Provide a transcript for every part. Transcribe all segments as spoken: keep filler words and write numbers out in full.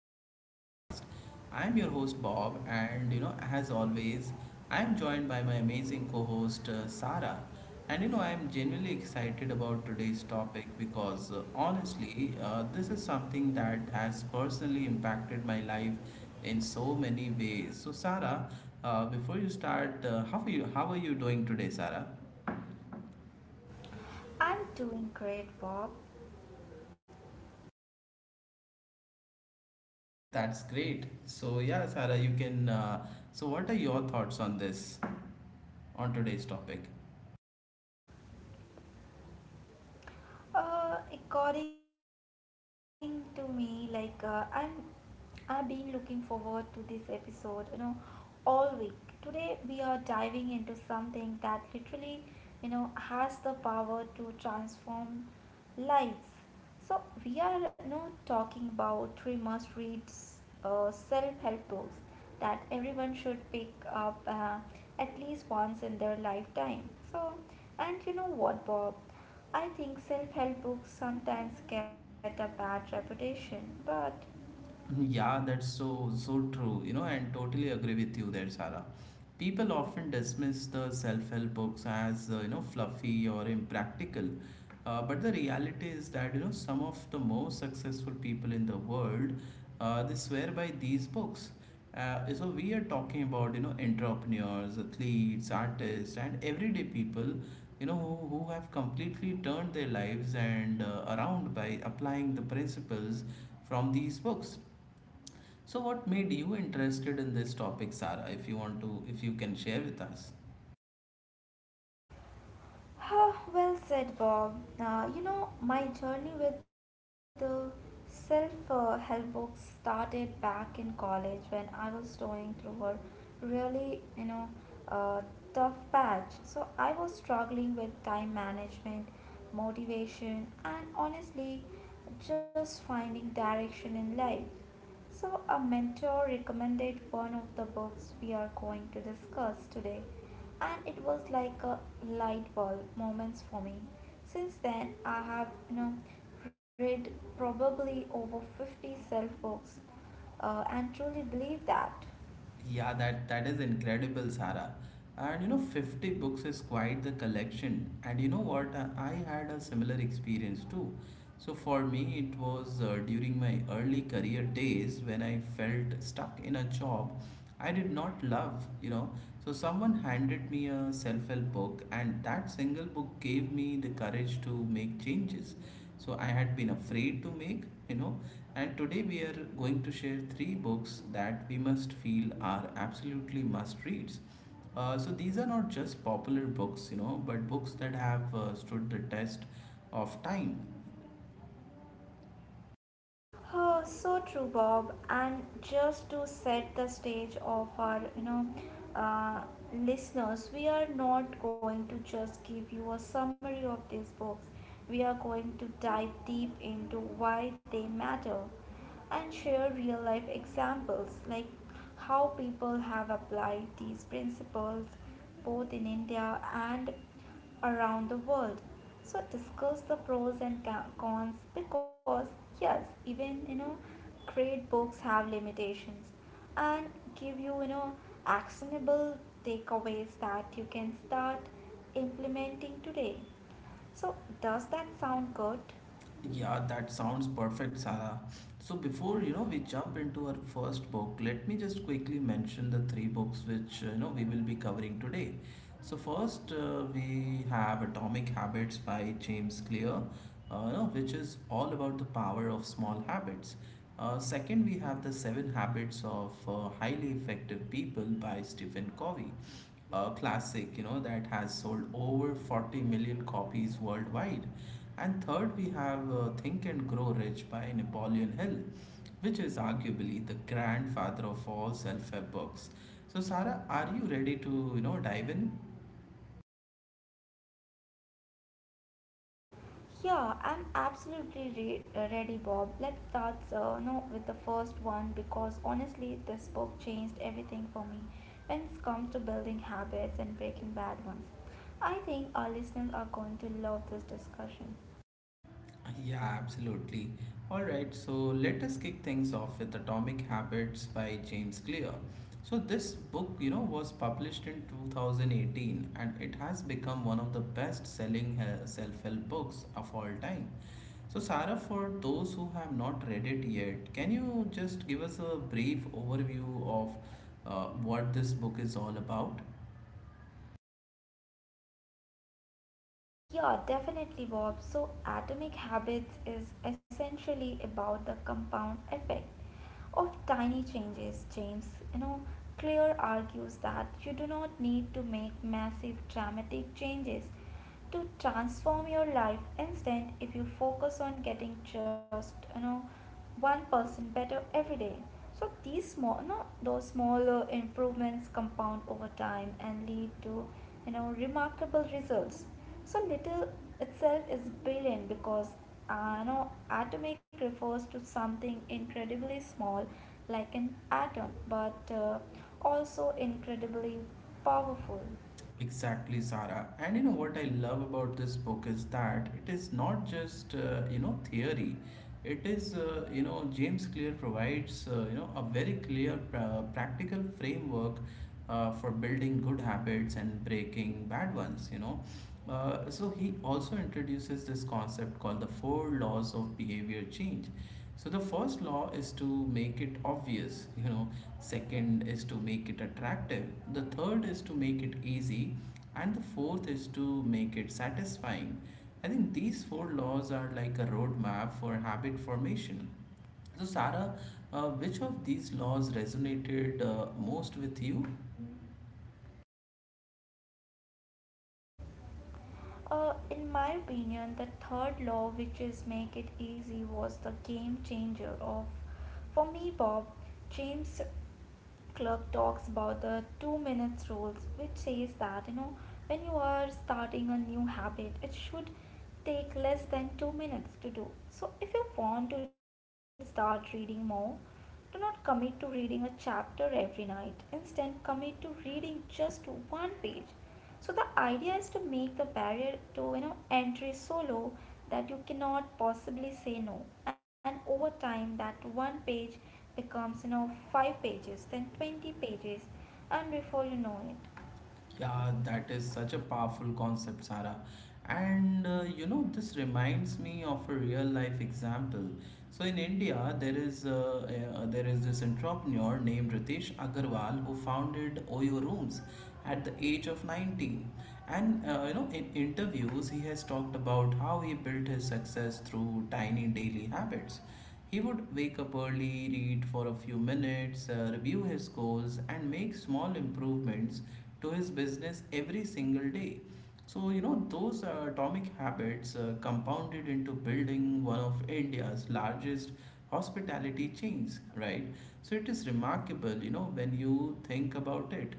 of our podcast. I'm your host Bob, and you know, as always, I'm joined by my amazing co host uh, Sarah. And you know, I'm genuinely excited about today's topic because uh, honestly, uh, this is something that has personally impacted my life in so many ways. So, Sarah, uh, before you start, uh, how, are you, how are you doing today, Sarah? I'm doing great, Bob. That's great. So yeah, Sarah, you can. Uh, so what are your thoughts on this, on today's topic? Uh, according to me, like uh, I'm, I've been looking forward to this episode, you know, all week. Today we are diving into something that literally, you know, has the power to transform lives. So we are now talking about we must read uh, self-help books that everyone should pick up uh, at least once in their lifetime. So, and you know what, Bob? I think self-help books sometimes get a bad reputation, but Yeah, that's so so true, you know, and totally agree with you there, Sarah. People often dismiss the self-help books as uh, you know, fluffy or impractical, uh, but the reality is that, you know, some of the most successful people in the world, uh, they swear by these books. Uh, so we are talking about, you know, entrepreneurs, athletes, artists, and everyday people, you know who, who have completely turned their lives and uh, around by applying the principles from these books. So what made you interested in this topic, Sara, if you want to if you can share with us? ah, well said, Bob. Uh, you know, my journey with the self uh, help books started back in college when I was going through a really, you know, uh, tough patch. So I was struggling with time management, motivation, and honestly, just finding direction in life. So a mentor recommended one of the books we are going to discuss today, and it was like a light bulb moments for me. Since then, I have, you know, read probably over fifty self books, uh, and truly believe that. Yeah, that that is incredible, Sarah. And you know, fifty books is quite the collection. And you know what? I I had a similar experience too. So for me, it was uh, during my early career days when I felt stuck in a job I did not love, you know. So someone handed me a self-help book and that single book gave me the courage to make changes. So I had been afraid to make, you know. And today we are going to share three books that we must feel are absolutely must reads. Uh, so these are not just popular books, you know, but books that have uh, stood the test of time. Oh, so true, Bob. And just to set the stage of our, you know, uh, listeners, we are not going to just give you a summary of these books. We are going to dive deep into why they matter and share real life examples like how people have applied these principles both in India and around the world. So discuss the pros and cons because yes, even, you know, great books have limitations, and give you, you know, actionable takeaways that you can start implementing today. So does that sound good? Yeah, that sounds perfect, Sarah. So before, you know, we jump into our first book, let me just quickly mention the three books which, uh, you know, we will be covering today. So first, uh, we have Atomic Habits by James Clear, uh, you know, which is all about the power of small habits. Uh, second, we have The Seven Habits of uh, Highly Effective People by Stephen Covey, a classic, you know, that has sold over forty million copies worldwide. And third, we have uh, Think and Grow Rich by Napoleon Hill, which is arguably the grandfather of all self-help books. So, Sarah, are you ready to, you know, dive in? Yeah, I'm absolutely re- uh, ready, Bob. Let's start uh, no, with the first one because honestly, this book changed everything for me when it comes to building habits and breaking bad ones. I think our listeners are going to love this discussion. Yeah, absolutely. All right, so let us kick things off with Atomic Habits by James Clear. So this book, you know, was published in two thousand eighteen and it has become one of the best-selling uh, self-help books of all time. So Sarah, for those who have not read it yet, can you just give us a brief overview of uh, what this book is all about? Yeah, definitely, Bob. So atomic habits is essentially about the compound effect of tiny changes. James, you know, Clear argues that you do not need to make massive dramatic changes to transform your life instant if you focus on getting just, you know, one percent better every day. So these small no those smaller improvements compound over time and lead to, you know, remarkable results. So little itself is brilliant because, uh, you know, atomic refers to something incredibly small like an atom but uh, also incredibly powerful. Exactly, Sarah. And you know what I love about this book is that it is not just uh, you know theory. It is uh, you know James Clear provides, uh, you know, a very clear pra- practical framework uh, for building good habits and breaking bad ones. You know, uh, so he also introduces this concept called the four laws of behavior change. So the first law is to make it obvious. You know, second is to make it attractive, the third is to make it easy, and the fourth is to make it satisfying. I think these four laws are like a roadmap for habit formation. So Sarah, uh, which of these laws resonated uh, most with you? Uh, in my opinion, the third law, which is make it easy, was the game changer of. For me, Bob, James Clerk talks about the two minutes rules, which says that, you know, when you are starting a new habit, it should take less than two minutes to do. So if you want to start reading more, do not commit to reading a chapter every night. Instead, commit to reading just one page. So the idea is to make the barrier to, you know, entry so low that you cannot possibly say no. And over time that one page becomes, you know, five pages, then twenty pages, and before you know it. Yeah, that is such a powerful concept, Sarah. And uh, you know, this reminds me of a real life example. So in India, there is uh, uh, there is this entrepreneur named Ritesh Agarwal who founded Oyo Rooms at the age of nineteen. And uh, you know, in interviews, he has talked about how he built his success through tiny daily habits. He would wake up early, read for a few minutes, uh, review his goals, and make small improvements to his business every single day. So, you know, those uh, atomic habits uh, compounded into building one of India's largest hospitality chains, right? So, it is remarkable, you know, when you think about it.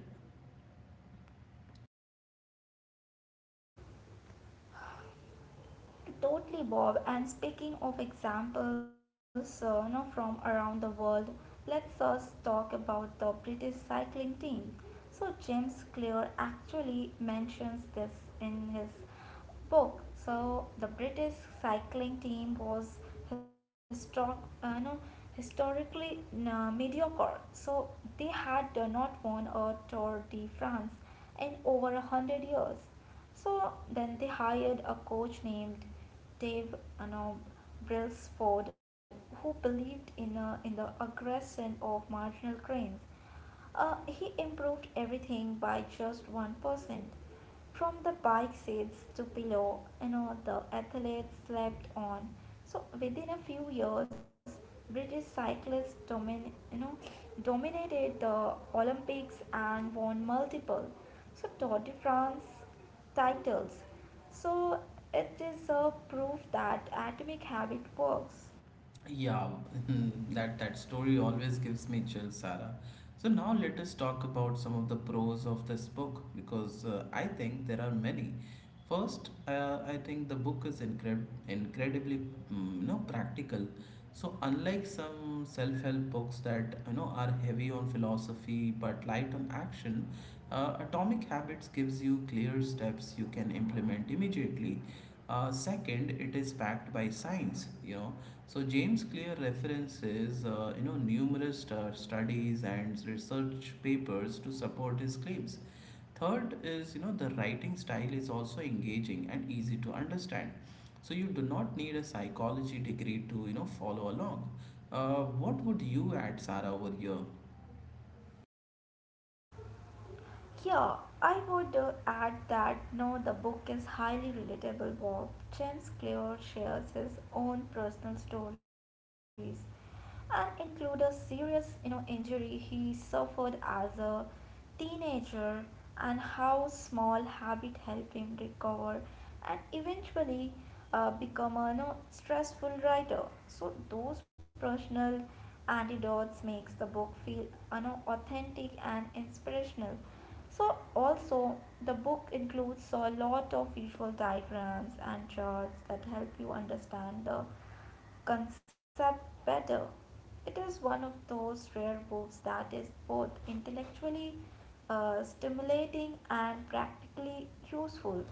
Totally, Bob. And speaking of examples, uh, you know, from around the world, let's first talk about the British cycling team. So James Clear actually mentions this in his spoke. So the British cycling team was historic, uh, no, historically uh, mediocre. So they had uh, not won a Tour de France in over a hundred years. So then they hired a coach named Dave, you know, Brailsford, who believed in, uh, in the aggression of marginal cranes. Uh, he improved everything by just one percent, from the bike seats to pillow, you know, the athletes slept on. So within a few years, British cyclists domin- you know, dominated the Olympics and won multiple, so Tour de France titles. So it is a proof that atomic habit works. Yeah, that that story always gives me chills, Sarah. So now let us talk about some of the pros of this book because uh, I think there are many. First, uh, I think the book is incred incredibly, mm, you know, practical. So unlike some self-help books that, you know, are heavy on philosophy but light on action, uh, Atomic Habits gives you clear steps you can implement immediately. Uh, second, it is backed by science, you know, so James Clear references, uh, you know, numerous stu- studies and research papers to support his claims. Third is, you know, the writing style is also engaging and easy to understand. So you do not need a psychology degree to, you know, follow along. Uh, what would you add, Sarah, over here? Yeah, I would, uh, add that no, the book is highly relatable. Bob, James Clear shares his own personal stories and include a serious, you know, injury he suffered as a teenager and how small habit helped him recover and eventually uh, become a, you know, stressful writer. So those personal anecdotes makes the book feel, you know, authentic and inspirational. So also the book includes a lot of visual diagrams and charts that help you understand the concept better. It is one of those rare books that is both intellectually uh, stimulating and practically useful.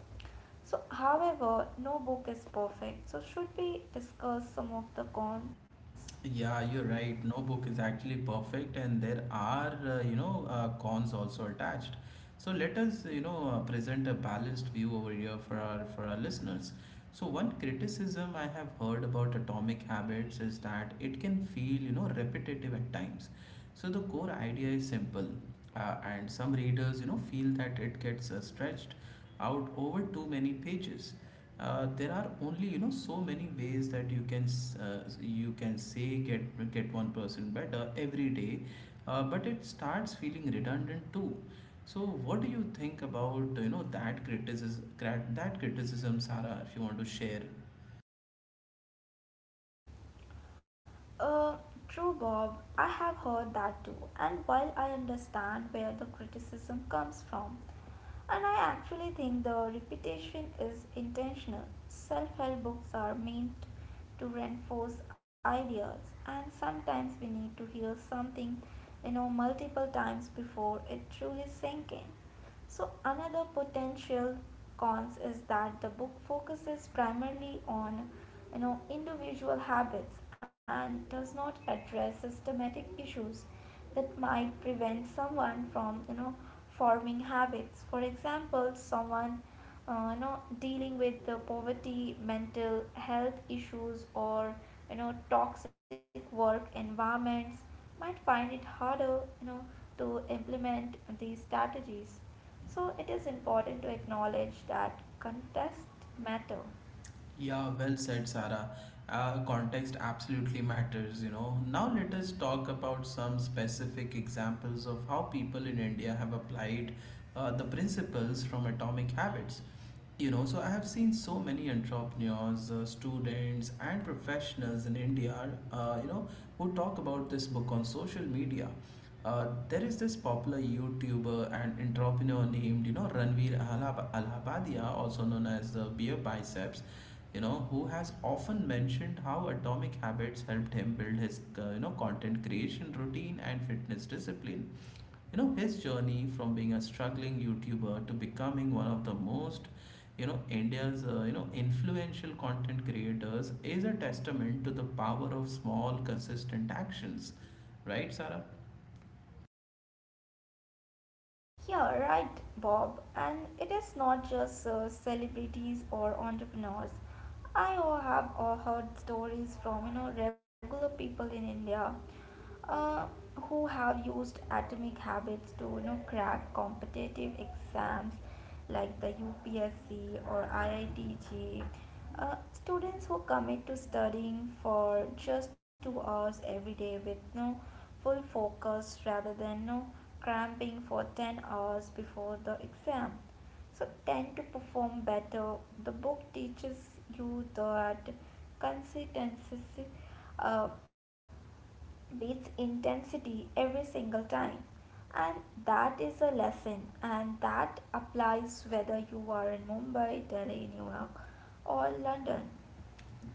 So, however, no book is perfect, so should we discuss some of the cons? Yeah, you're right. No book is actually perfect, and there are, uh, you know, uh, cons also attached. So let us, you know, uh, present a balanced view over here for our for our listeners. So one criticism I have heard about Atomic Habits is that it can feel, you know, repetitive at times. So the core idea is simple, uh, and some readers, you know, feel that it gets uh, stretched out over too many pages. Uh, there are only, you know, so many ways that you can s- uh, you can say get get one person better every day, uh, but it starts feeling redundant too. So what do you think about, you know, that criticism that criticism, Sarah? If you want to share. Uh, True, Bob. I have heard that too. And while I understand where the criticism comes from, and I actually think the repetition is intentional, self help books are meant to reinforce ideas, and sometimes we need to hear something, you know, multiple times before it truly sink in. So another potential cons is that the book focuses primarily on, you know, individual habits and does not address systematic issues that might prevent someone from, you know, forming habits. For example, someone, uh, you know, dealing with the poverty, mental health issues, or, you know, toxic work environments might find it harder, you know, to implement these strategies. So it is important to acknowledge that context matter. Yeah, well said, Sarah. Uh, context absolutely matters, you know. Now let us talk about some specific examples of how people in India have applied uh, the principles from Atomic Habits. You know, so I have seen so many entrepreneurs, uh, students, and professionals in India, uh, you know, who talk about this book on social media. Uh, there is this popular YouTuber and entrepreneur named, you know, Ranveer Alhab- Alhabadia, also known as the Beer Biceps, you know, who has often mentioned how Atomic Habits helped him build his, uh, you know, content creation routine and fitness discipline. You know, his journey from being a struggling YouTuber to becoming one of the most, you know, India's uh, you know, influential content creators is a testament to the power of small consistent actions, right, Sarah? Yeah, right, Bob. And it is not just uh, celebrities or entrepreneurs. I o- have uh, heard stories from, you know, regular people in India, uh, who have used atomic habits to, you know, crack competitive exams like the U P S C or I I T G. Uh, students who commit to studying for just two hours every day with no full focus rather than no cramping for ten hours before the exam so tend to perform better. The book teaches you that consistency uh, beats intensity every single time. And that is a lesson, and that applies whether you are in Mumbai, Delhi, New York, or London.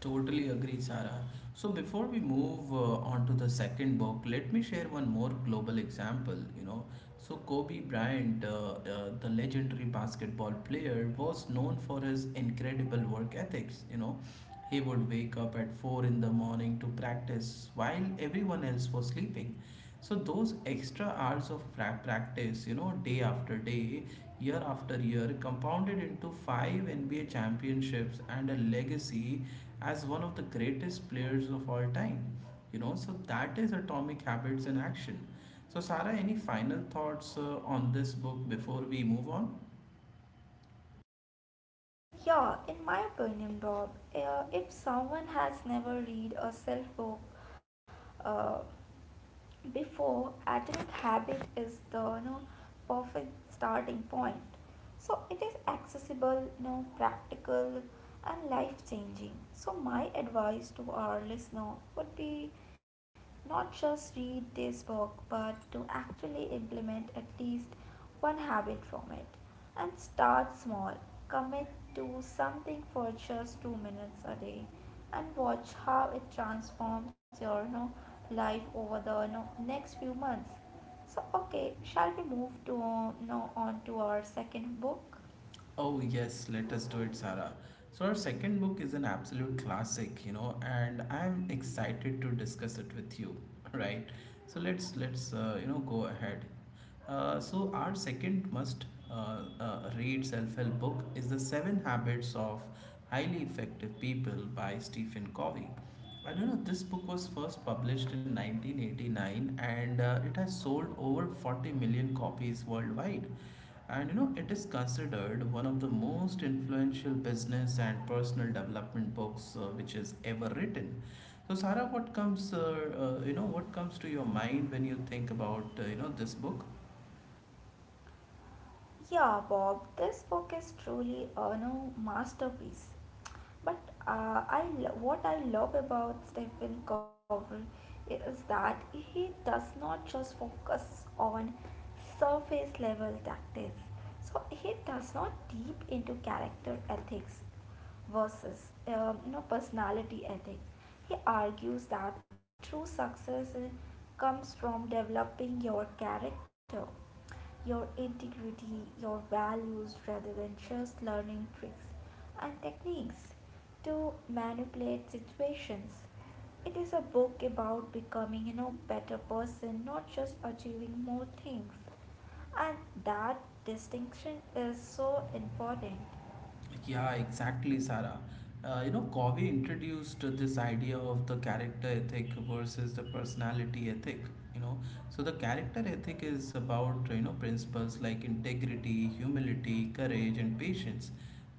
Totally agree, Sarah. So before we move uh, on to the second book, let me share one more global example. You know, so Kobe Bryant, uh, uh, the legendary basketball player, was known for his incredible work ethics. You know, he would wake up at four in the morning to practice while everyone else was sleeping. So those extra hours of pra- practice, you know, day after day, year after year, compounded into five N B A championships and a legacy as one of the greatest players of all time. You know, so that is Atomic Habits in action. So, Sarah, any final thoughts uh, on this book before we move on? Yeah, in my opinion, Rob, uh, if someone has never read a self book, uh, before atomic habit is the, you know, perfect starting point. So it is accessible, you know, practical, and life changing. So my advice to our listener would be not just read this book but to actually implement at least one habit from it. And start small. Commit to something for just two minutes a day and watch how it transforms your, you know, life over the, you know, next few months. So, okay, shall we move to, you know, on to our second book? Oh, yes, let us do it, Sarah. So, our second book is an absolute classic, you know, and I'm excited to discuss it with you, right? So, let's, let's, uh, you know, go ahead. Uh, so, our second must uh, uh, read self help book is The Seven Habits of Highly Effective People by Stephen Covey. I don't know, this book was first published in nineteen eighty-nine and uh, it has sold over forty million copies worldwide, and you know it is considered one of the most influential business and personal development books uh, which is ever written. So Sarah, what comes uh, uh, you know what comes to your mind when you think about, uh, you know, this book? Yeah, Bob, this book is truly a no masterpiece. But uh, I lo- what I love about Stephen Covey is that he does not just focus on surface level tactics. So he does not deep into character ethics versus, um, you know, personality ethics. He argues that true success uh, comes from developing your character, your integrity, your values rather than just learning tricks and techniques to manipulate situations. It is a book about becoming, you know, better person, not just achieving more things. And that distinction is so important. Like, Yeah, exactly, Sarah. Uh, you know, Covey introduced this idea of the character ethic versus the personality ethic. You know, so the character ethic is about, you know, principles like integrity, humility, courage, and patience.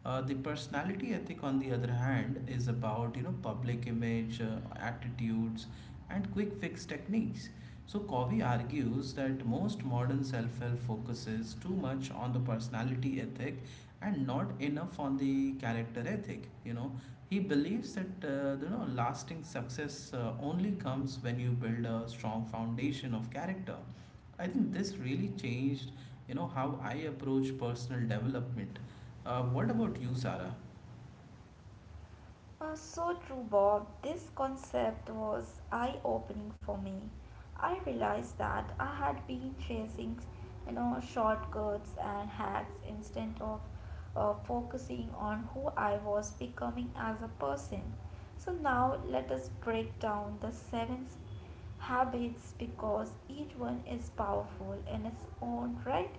Uh, the personality ethic, on the other hand, is about, you know, public image, uh, attitudes, and quick fix techniques. So Covey argues that most modern self-help focuses too much on the personality ethic and not enough on the character ethic. You know, he believes that, uh, you know, lasting success uh, only comes when you build a strong foundation of character. I think this really changed, you know, how I approach personal development. Uh, what about you, Sarah? Uh, so true, Bob. This concept was eye opening for me. I realized that I had been chasing, you know, shortcuts and hacks instead of uh, focusing on who I was becoming as a person. So now let us break down the seven habits because each one is powerful in its own right.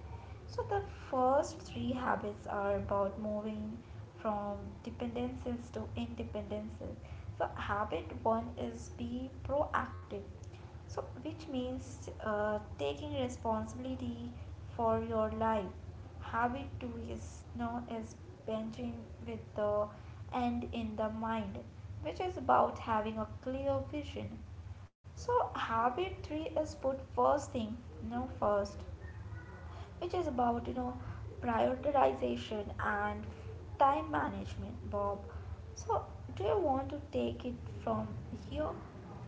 So the first three habits are about moving from dependencies to independences. So habit one is be proactive. So, which means uh, taking responsibility for your life. Habit two is known as benching with the end in the mind, which is about having a clear vision. So habit three is put first thing, no first, which is about, you know, prioritization and time management, Bob. So do you want to take it from here?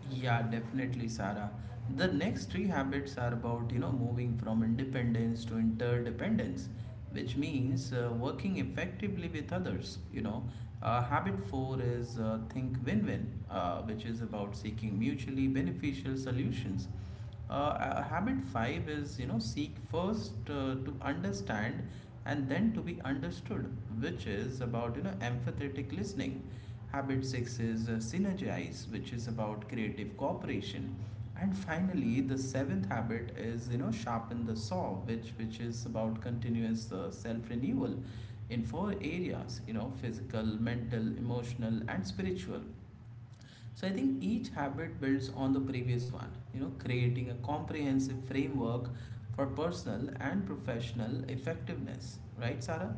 Yeah, definitely, Sarah. The next three habits are about, you know, moving from independence to interdependence, which means uh, working effectively with others, you know. Uh, habit four is uh, think win win, uh, which is about seeking mutually beneficial solutions. Uh, uh, habit five is you know seek first uh, to understand and then to be understood, which is about you know empathetic listening. Habit six is uh, synergize, which is about creative cooperation. And finally, the seventh habit is you know sharpen the saw, which which is about continuous uh, self renewal in four areas, you know, physical, mental, emotional and spiritual. So I think each habit builds on the previous one, you know, creating a comprehensive framework for personal and professional effectiveness, right, Sarah?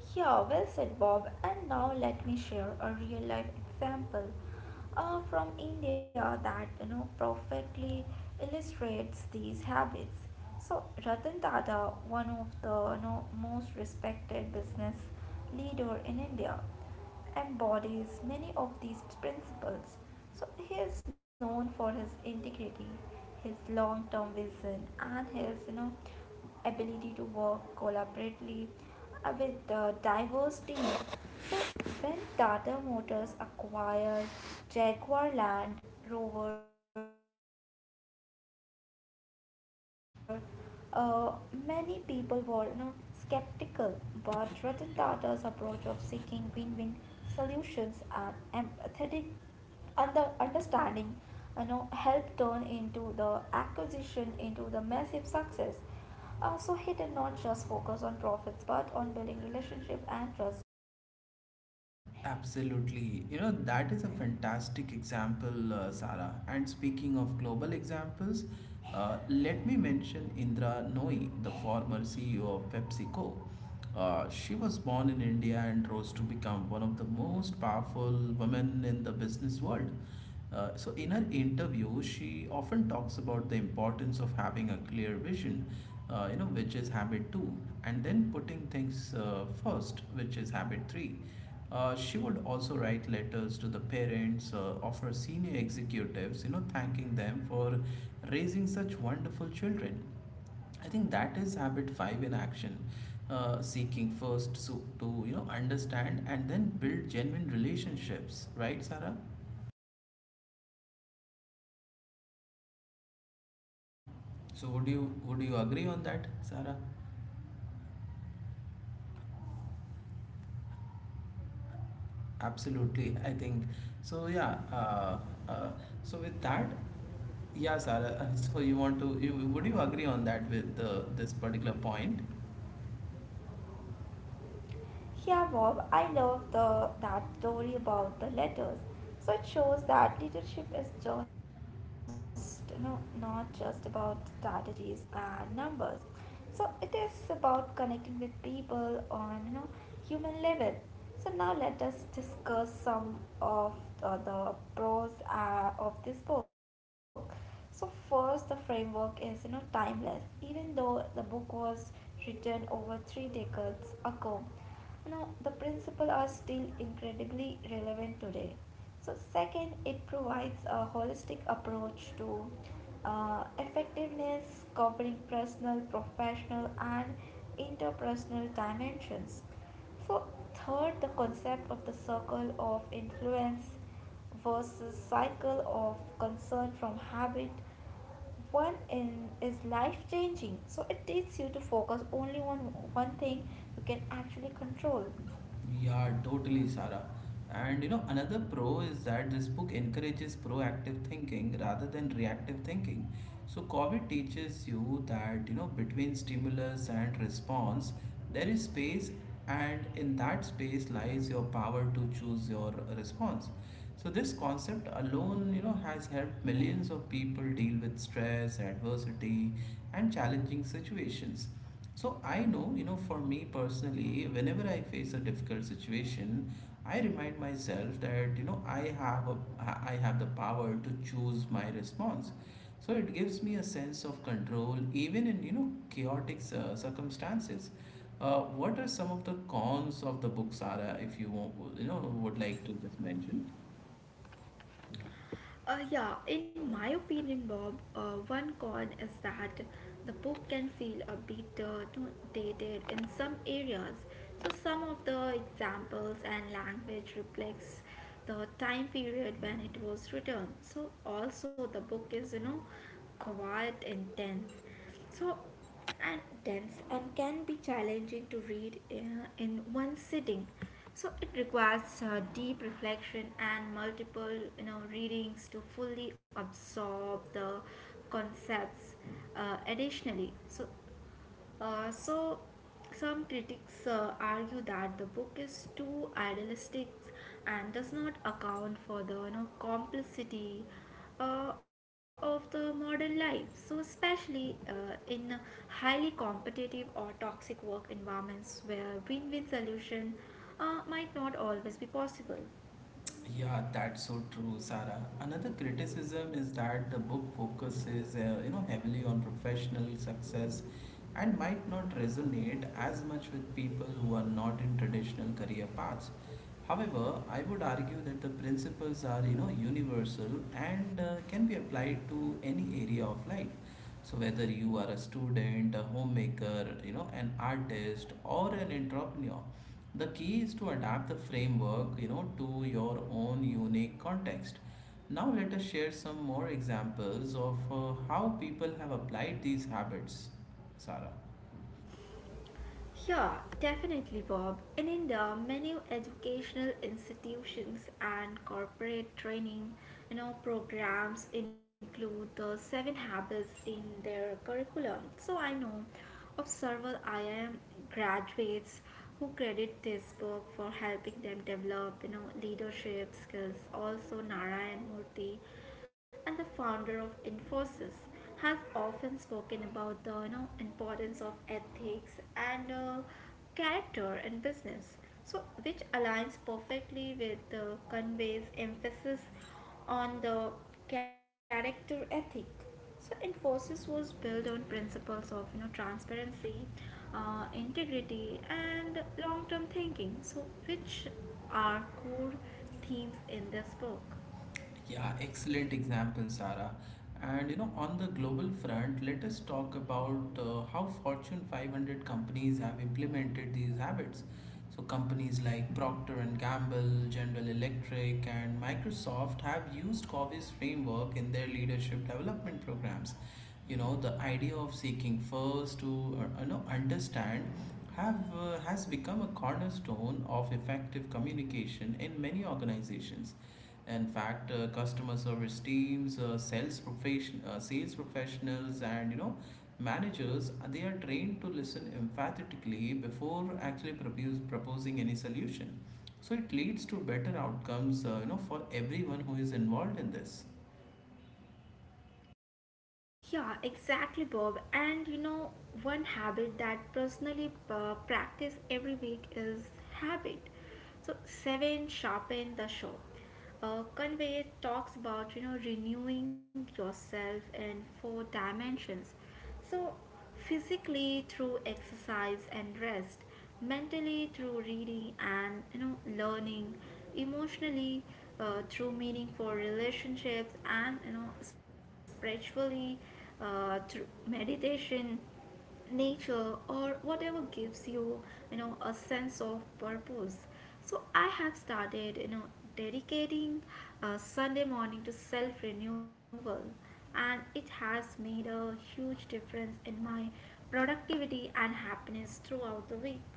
Yeah, well said, Bob. And now let me share a real life example uh, from India that, you know, perfectly illustrates these habits. So Ratan Tata, one of the, you know, most respected business leader in India, embodies many of these principles. So he is known for his integrity, his long-term vision, and his, you know, ability to work collaboratively uh, with a diverse team. So when Tata Motors acquired Jaguar Land Rover, uh, many people were, you know, skeptical, but Ratan Tata's approach of seeking win-win solutions and empathetic and the understanding, you know, helped turn into the acquisition into the massive success. Uh, so he did not just focus on profits but on building relationship and trust. Absolutely. You know, that is a fantastic example, uh, Sarah. And speaking of global examples, uh, let me mention Indra Nooyi, the former C E O of PepsiCo. Uh, she was born in India and rose to become one of the most powerful women in the business world. Uh, so, in her interview, she often talks about the importance of having a clear vision, uh, you know, which is habit two, and then putting things uh, first, which is habit three. Uh, she would also write letters to the parents uh, of her senior executives, you know, thanking them for raising such wonderful children. I think that is habit five in action, uh, seeking first so, to you know understand and then build genuine relationships, right, Sarah? Yeah, and yeah, Bob, So would love you that, would you you know. agree on that, Sarah? Yeah, Bob, I agree with you, and it shows the, Absolutely, you I know, think leadership. so. Yeah. Uh, uh, so with that, yeah, Sarah. So you want to? You, would you agree on that with uh, this particular point? Yeah, Bob, I love the that story about the letters. So it shows that leadership is just you know, not just about strategies and numbers. So it is about connecting with people on you know human level. So now let us discuss some of uh, the pros uh, of this book. So first, the framework is you know timeless, even though the book was written over three decades ago. You know the principles are still incredibly relevant today. So, second, it provides a holistic approach to uh, effectiveness, covering personal, professional, and interpersonal dimensions. So, third, the concept of the circle of influence versus cycle of concern from habit one in is life changing so it takes you to focus only on one thing you can actually control. Yeah, totally, Sarah. And you know, another pro is that this book encourages proactive thinking rather than reactive thinking. So, COVID teaches you that, you know, between stimulus and response, there is space, and in that space lies your power to choose your response. So, this concept alone, you know, has helped millions of people deal with stress, adversity, and challenging situations. So I know, you know, for me personally, whenever I face a difficult situation, I remind myself that, you know, I have a I have the power to choose my response. So it gives me a sense of control even in, you know, chaotic uh, circumstances. Uh, what are some of the cons of the book, Sarah, if you want, you know, would like to just mention? Uh, yeah, in my opinion, Bob, uh, one con is that the book can feel a bit uh, too dated in some areas. So some of the examples and language reflects the time period when it was written. So also the book is you know quite intense. So and dense and can be challenging to read in in one sitting, so it requires uh, deep reflection and multiple you know readings to fully absorb the concepts. Uh, additionally, so uh, so, some critics uh, argue that the book is too idealistic and does not account for the you know, complexity uh, of the modern life. So, especially uh, in highly competitive or toxic work environments where win win solution uh, might not always be possible. Yeah, that's so true, Sarah. Another criticism is that the book focuses, uh, you know, heavily on professional success and might not resonate as much with people who are not in traditional career paths. However, I would argue that the principles are, you know, universal and uh, can be applied to any area of life. So whether you are a student, a homemaker, you know, an artist or an entrepreneur, the key is to adapt the framework, you know, to your own unique context. Now let us share some more examples of uh, how people have applied these habits, Sarah. Yeah, definitely, Bob. In India, many educational institutions and corporate training, you know, programs include the seven habits in their curriculum. So I know of several I I M graduates who credit this book for helping them develop, you know, leadership skills. Also, Narayan Murthy and the founder of Infosys has often spoken about the you know, importance of ethics and uh, character in business. So, which aligns perfectly with the Conway's emphasis on the character ethic. So, Infosys was built on principles of you know transparency, uh, integrity, and long-term thinking. So, which are core themes in this book? Yeah, excellent example, Sarah. And you know, on the global front, let us talk about uh, how Fortune five hundred companies have implemented these habits. So companies like Procter and Gamble, General Electric, and Microsoft have used Covey's framework in their leadership development programs. You know, the idea of seeking first to uh, you know understand have uh, has become a cornerstone of effective communication in many organizations. In fact, uh, customer service teams, uh, sales profession, uh, sales professionals, and you know managers uh, they are trained to listen emphatically before actually propose, proposing any solution. So it leads to better outcomes, uh, you know, for everyone who is involved in this. Yeah, exactly, Bob. And you know, one habit that personally uh, practice every week is habit. So seven, sharpen the show. Uh, Convey talks about you know renewing yourself in four dimensions. So, physically through exercise and rest, mentally through reading and you know learning, emotionally uh, through meaningful relationships, and you know spiritually uh, through meditation, nature, or whatever gives you you know a sense of purpose. So I have started you know dedicating uh, Sunday morning to self renewal and it has made a huge difference in my productivity and happiness throughout the week.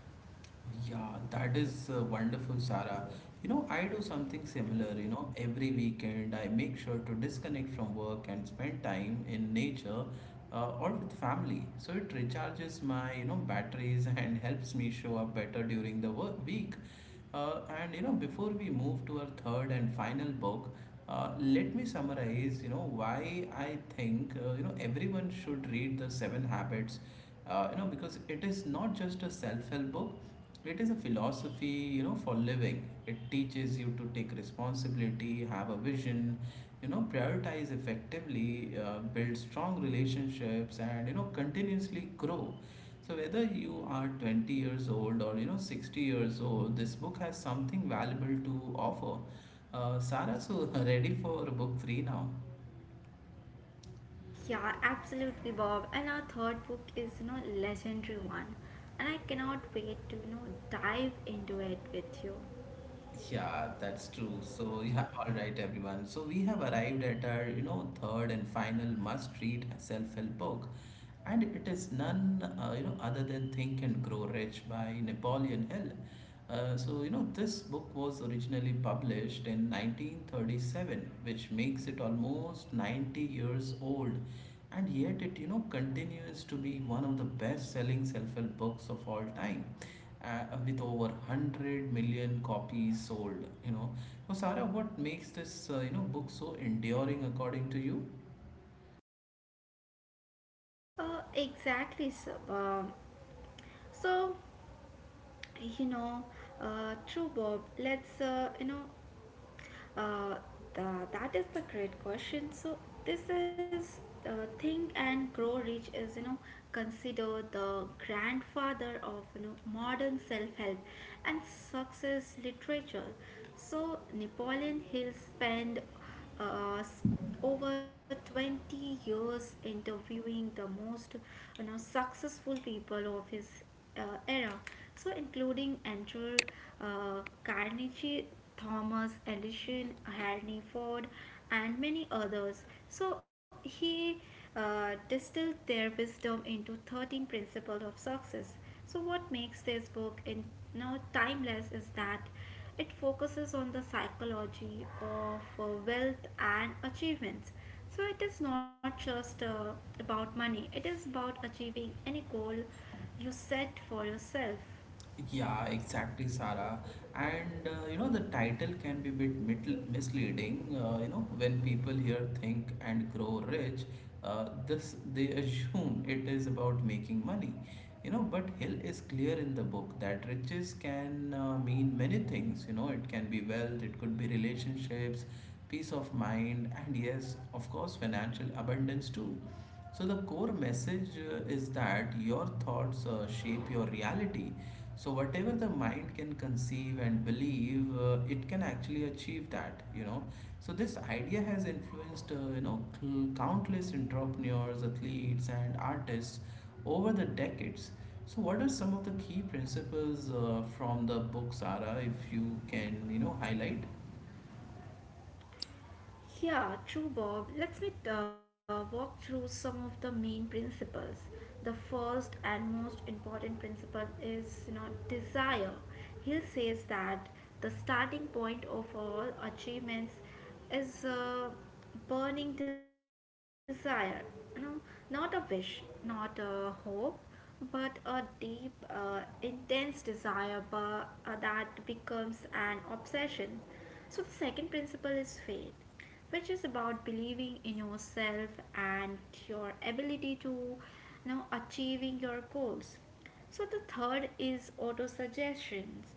Yeah, that is uh, wonderful, Sarah. You know, I do something similar. You know, every weekend I make sure to disconnect from work and spend time in nature uh, or with family. So it recharges my, you know, batteries and helps me show up better during the work week. Uh, and, you know, before we move to our third and final book, uh, let me summarize, you know, why I think, uh, you know, everyone should read the Seven Habits, uh, you know, because it is not just a self-help book, it is a philosophy, you know, for living. It teaches you to take responsibility, have a vision, you know, prioritize effectively, uh, build strong relationships, and you know, continuously grow. So whether you are twenty years old or you know sixty years old, this book has something valuable to offer. Uh, Sarah, so ready for book three now? Yeah, absolutely, Bob. And our third book is you know legendary one, and I cannot wait to you know dive into it with you. Yeah, that's true. So yeah, all right, everyone. So we have arrived at our, you know, third and final must-read self-help book, and it is none, uh, you know, other than Think and Grow Rich by Napoleon Hill. Uh, so you know, this book was originally published in nineteen thirty-seven, which makes it almost ninety years old, and yet it, you know, continues to be one of the best-selling self-help books of all time, uh, with over one hundred million copies sold, you know. So Sara, what makes this uh, you know book so enduring according to you? Uh, exactly, sir. Um, so, you know uh, true, Bob. Let's uh, you know uh, the, that is the great question. So this is uh, Think and Grow Rich is you know considered the grandfather of you know modern self-help and success literature. So Napoleon Hill spent uh, s- over twenty years interviewing the most you know successful people of his uh, era. So, including Andrew uh, Carnegie, Thomas Edison, Henry Ford, and many others. So, he uh, distilled their wisdom into thirteen principles of success. So, what makes this book in now timeless is that it focuses on the psychology of uh, wealth and achievements. So it is not just uh, about money; it is about achieving any goal you set for yourself. Yeah, exactly, Sarah. And uh, you know, the title can be a bit mit- misleading. Uh, you know, when people hear "Think and Grow Rich," uh, this they assume it is about making money. You know, but Hill is clear in the book that riches can uh, mean many things. You know, it can be wealth, it could be relationships, peace of mind, and yes, of course, financial abundance too. So, the core message uh, is that your thoughts uh, shape your reality. So, whatever the mind can conceive and believe, uh, it can actually achieve that, you know. So, this idea has influenced, uh, you know, cl- countless entrepreneurs, athletes, and artists over the decades. So, what are some of the key principles uh, from the book, Sarah, if you can, you know, highlight? Yeah, true, Bob. Let's me uh, walk through some of the main principles. The first and most important principle is you know, desire. Hill says that the starting point of all achievements is a burning desire. You know, not a wish, not a hope, but a deep, uh, intense desire but, uh, that becomes an obsession. So the second principle is faith, which is about believing in yourself and your ability to you know achieving your goals. So the third is auto suggestions,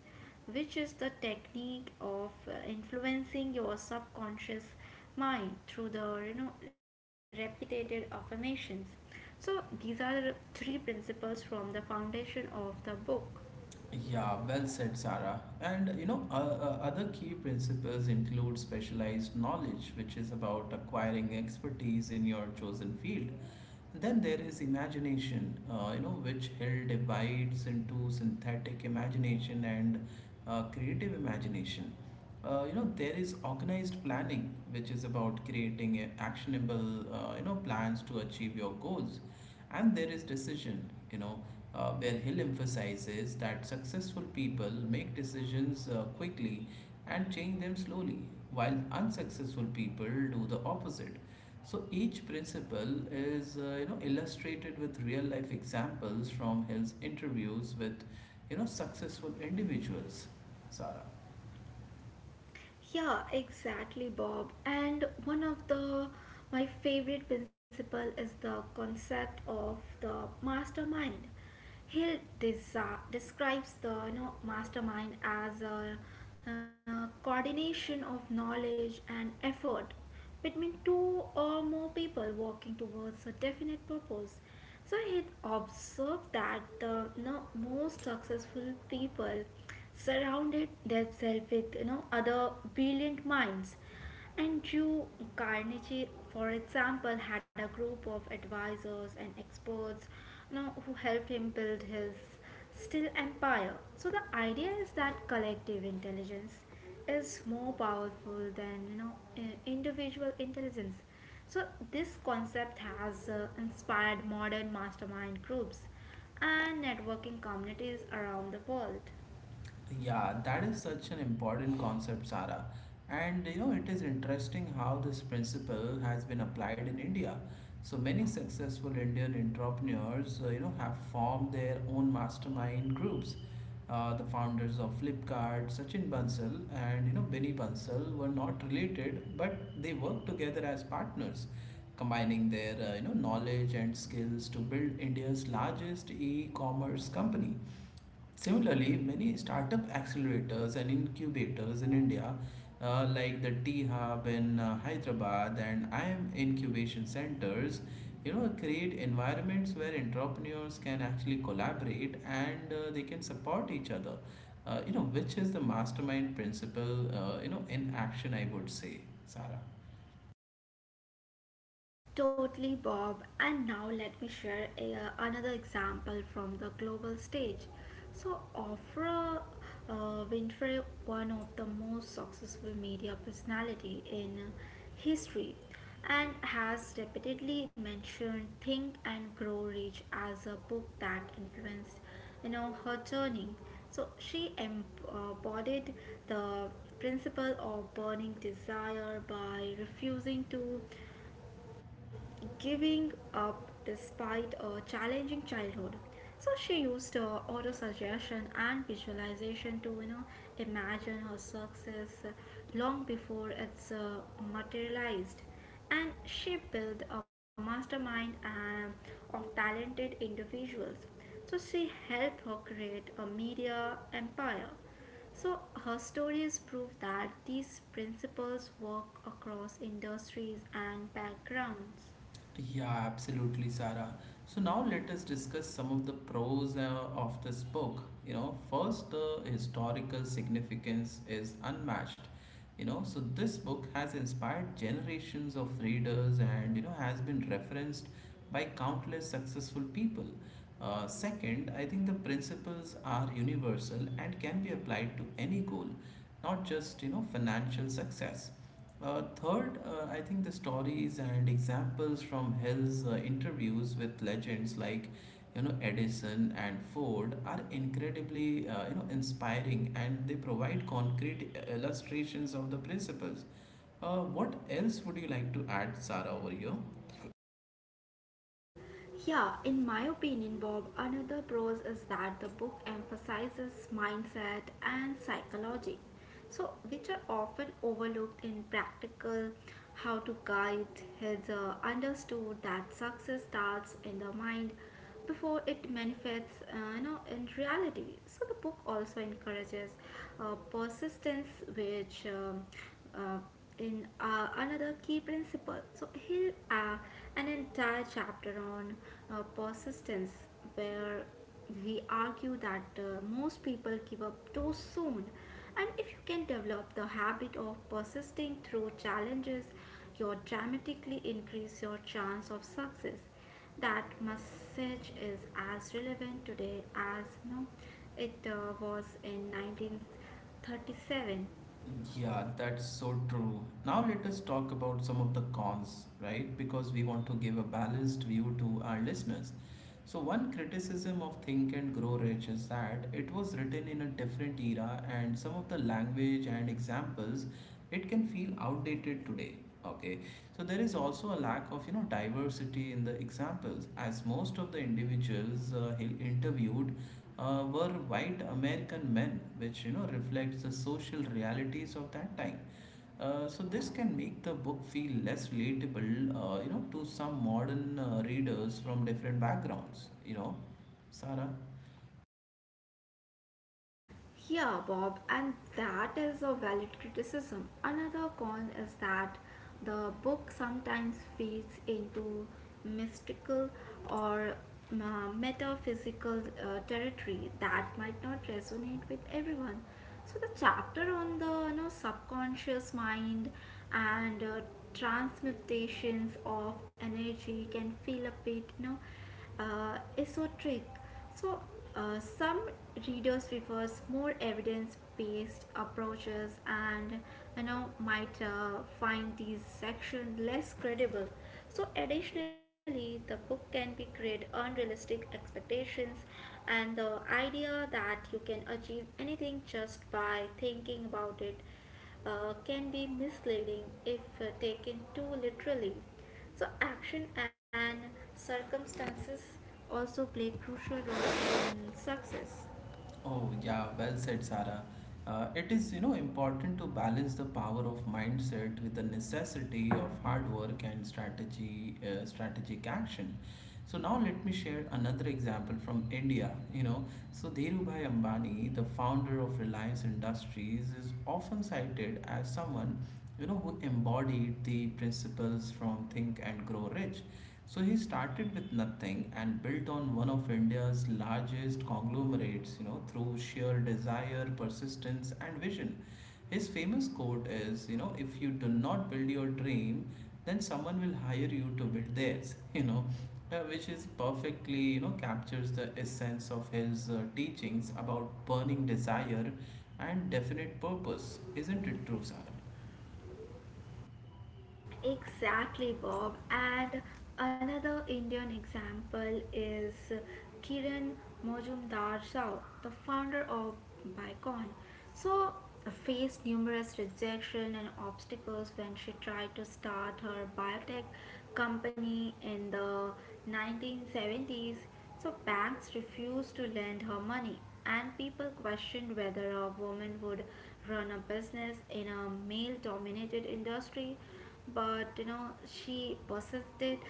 which is the technique of uh, influencing your subconscious mind through the you know repeated affirmations. So these are the three principles from the foundation of the book. Yeah, well said, Sarah. And you know, uh, uh, other key principles include specialized knowledge, which is about acquiring expertise in your chosen field. Then there is imagination, uh, you know, which held divides into synthetic imagination and uh, creative imagination. Uh, you know, there is organized planning, which is about creating a- actionable, uh, you know, plans to achieve your goals. And there is decision, you know, uh, where Hill emphasizes that successful people make decisions uh, quickly and change them slowly, while unsuccessful people do the opposite. So each principle is uh, you know illustrated with real life examples from his interviews with you know successful individuals, Sarah. Yeah, exactly, Bob. And one of the my favorite principle is the concept of the mastermind. He desi describes the you know, mastermind as a uh, coordination of knowledge and effort between two or more people working towards a definite purpose. So he observed that the you know, most successful people surrounded themselves with you know other brilliant minds, and Drew Carnegie, for example, had a group of advisors and experts you know, who helped him build his still empire. So the idea is that collective intelligence is more powerful than you know i- individual intelligence. So this concept has uh, inspired modern mastermind groups and networking communities around the world. Yeah, that is such an important concept, Sara. And you know, it is interesting how this principle has been applied in India. So many successful Indian entrepreneurs, uh, you know, have formed their own mastermind groups. Uh, the founders of Flipkart, Sachin Bansal, and you know Benny Bansal were not related, but they worked together as partners, combining their uh, you know knowledge and skills to build India's largest e-commerce company. Similarly, many startup accelerators and incubators in India, uh, like the T Hub in uh, Hyderabad and I M incubation centers, you know, create environments where entrepreneurs can actually collaborate and uh, they can support each other. Uh, you know, which is the mastermind principle, uh, you know, in action, I would say, Sarah. Totally, Bob. And now let me share a, uh, another example from the global stage. So, Oprah uh, Winfrey, one of the most successful media personality in history, and has repeatedly mentioned "Think and Grow Rich" as a book that influenced, you know, her journey. So she embodied the principle of burning desire by refusing to giving up despite a challenging childhood. So she used uh, auto-suggestion and visualization to you know imagine her success long before it's uh, materialized. And she built a mastermind um, of talented individuals. So she helped her create a media empire. So, her stories prove that these principles work across industries and backgrounds. Yeah, absolutely, Sarah. So now let us discuss some of the pros uh, of this book. You know, first, the historical significance is unmatched. You know, so this book has inspired generations of readers and, you know, has been referenced by countless successful people. Uh, second, I think the principles are universal and can be applied to any goal, not just, you know, financial success. Uh, third, uh, I think the stories and examples from Hill's uh, interviews with legends like you know Edison and Ford are incredibly uh, you know inspiring, and they provide concrete illustrations of the principles. Uh, what else would you like to add, Sarah, over here? Yeah, in my opinion, Bob, another pros is that the book emphasizes mindset and psychology, so which are often overlooked in practical how to guide has uh, understood that success starts in the mind before it manifests uh, you know, in reality. So the book also encourages uh, persistence, which um, uh, in uh, another key principle. So here uh, an entire chapter on uh, persistence where we argue that uh, most people give up too soon, and if you can develop the habit of persisting through challenges, you dramatically increase your chance of success. That message is as relevant today as you know, it uh, was in nineteen thirty-seven. Yeah, that's so true. Now let us talk about some of the cons, right? Because we want to give a balanced view to our listeners. So, one criticism of Think and Grow Rich is that it was written in a different era, and some of the language and examples, it can feel outdated today. Okay, so there is also a lack of you know diversity in the examples, as most of the individuals uh, he interviewed uh, were white American men, which you know reflects the social realities of that time. Uh, so this can make the book feel less relatable, uh, you know, to some modern uh, readers from different backgrounds. You know, Sarah. Yeah, Bob, and that is a valid criticism. Another con is that the book sometimes fades into mystical or uh, metaphysical uh, territory that might not resonate with everyone. So the chapter on the you know, subconscious mind and uh, transmutations of energy can feel a bit you know uh, esoteric. So, uh, some readers prefers more evidence-based approaches, and you know might uh, find these section less credible. So, additionally, the book can be create unrealistic expectations, and the idea that you can achieve anything just by thinking about it uh, can be misleading if uh, taken too literally. So, action and circumstances also play a crucial role in success. Oh, yeah, well said, Sarah. Uh, it is, you know, important to balance the power of mindset with the necessity of hard work and strategy, uh, strategic action. So now let me share another example from India. You know, so Dhirubhai Ambani, the founder of Reliance Industries, is often cited as someone, you know, who embodied the principles from Think and Grow Rich. So he started with nothing and built on one of India's largest conglomerates, you know, through sheer desire, persistence, and vision. His famous quote is, you know, if you do not build your dream, then someone will hire you to build theirs, you know, uh, which is perfectly, you know, captures the essence of his uh, teachings about burning desire and definite purpose. Isn't it true, Sarah? Exactly, Bob. And another Indian example is Kiran Mojumdar Shah, the founder of Bicon. So, faced numerous rejection and obstacles when she tried to start her biotech company in the nineteen seventies. So, banks refused to lend her money, and people questioned whether a woman would run a business in a male dominated industry, but you know she persisted,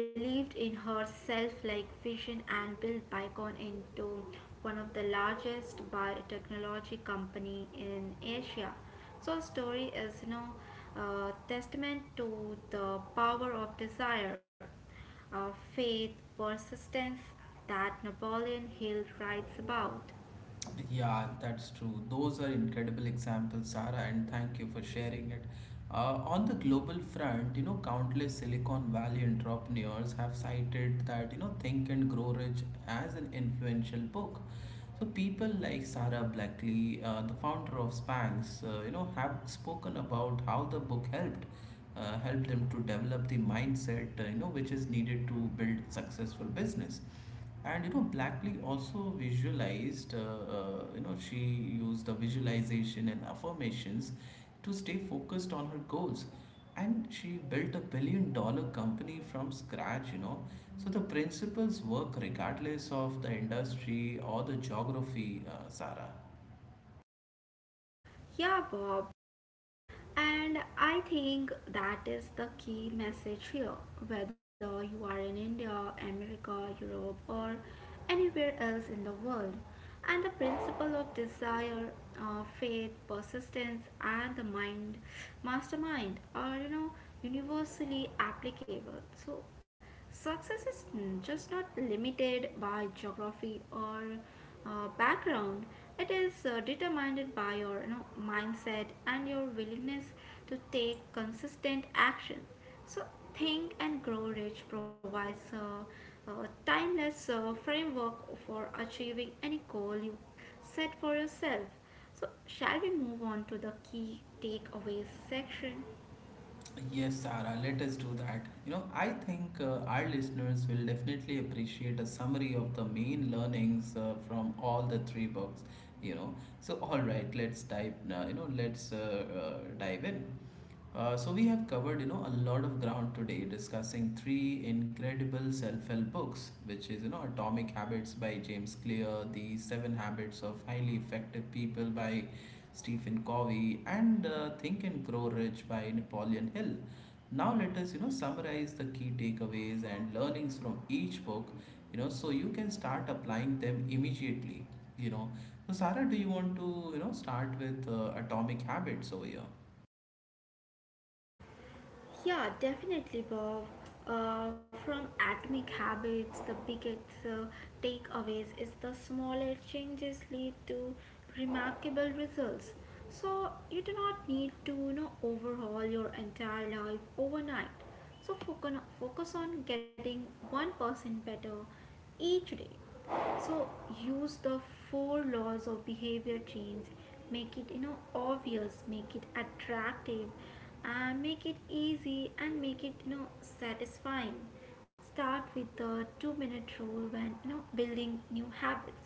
believed in herself like vision, and built Bicon into one of the largest biotechnology company in Asia. So story is you know uh, testament to the power of desire, uh, faith, persistence, that Napoleon Hill writes about. Yeah, that's true. Those are incredible examples, Sarah, and thank you for sharing it. Uh, on the global front, you know, countless Silicon Valley entrepreneurs have cited that, you know, Think and Grow Rich as an influential book. So people like Sarah Blackley, uh, the founder of Spanx, uh, you know, have spoken about how the book helped uh, helped them to develop the mindset, uh, you know, which is needed to build successful business, and you know Blackley also visualized uh, uh, you know, she used the visualization and affirmations to stay focused on her goals, and she built a billion dollar company from scratch, you know. So the principles work regardless of the industry or the geography, uh, Sarah. Yeah, Bob. And I think that is the key message here. Whether you are in India, America, Europe, or anywhere else in the world, and the principle of desire, uh, faith, persistence, and the mind mastermind are you know universally applicable. So success is just not limited by geography or uh, background. It is uh, determined by your you know, mindset and your willingness to take consistent action. So, Think and Grow Rich provides a, a timeless uh, framework for achieving any goal you set for yourself. So, shall we move on to the key takeaways section? Yes, Sarah, let us do that. You know, I think uh, our listeners will definitely appreciate a summary of the main learnings uh, from all the three books, you know. So, all right, let's dive, uh, you know, let's uh, uh, dive in. Uh, so we have covered, you know, a lot of ground today discussing three incredible self-help books, which is, you know, Atomic Habits by James Clear, The Seven Habits of Highly Effective People by Stephen Covey, and uh, Think and Grow Rich by Napoleon Hill. Now let us, you know, summarize the key takeaways and learnings from each book, you know, so you can start applying them immediately, you know. So Sarah, do you want to, you know, start with uh, Atomic Habits over here? Yeah, definitely, Bob. Uh, from atomic habits, the biggest uh, takeaways is the smaller changes lead to remarkable results. So you do not need to you know overhaul your entire life overnight. So focus on, focus on getting one percent better each day. So use the four laws of behavior change: make it you know obvious, make it attractive, and make it easy, and make it you know satisfying. Start with the two minute rule when you know building new habits,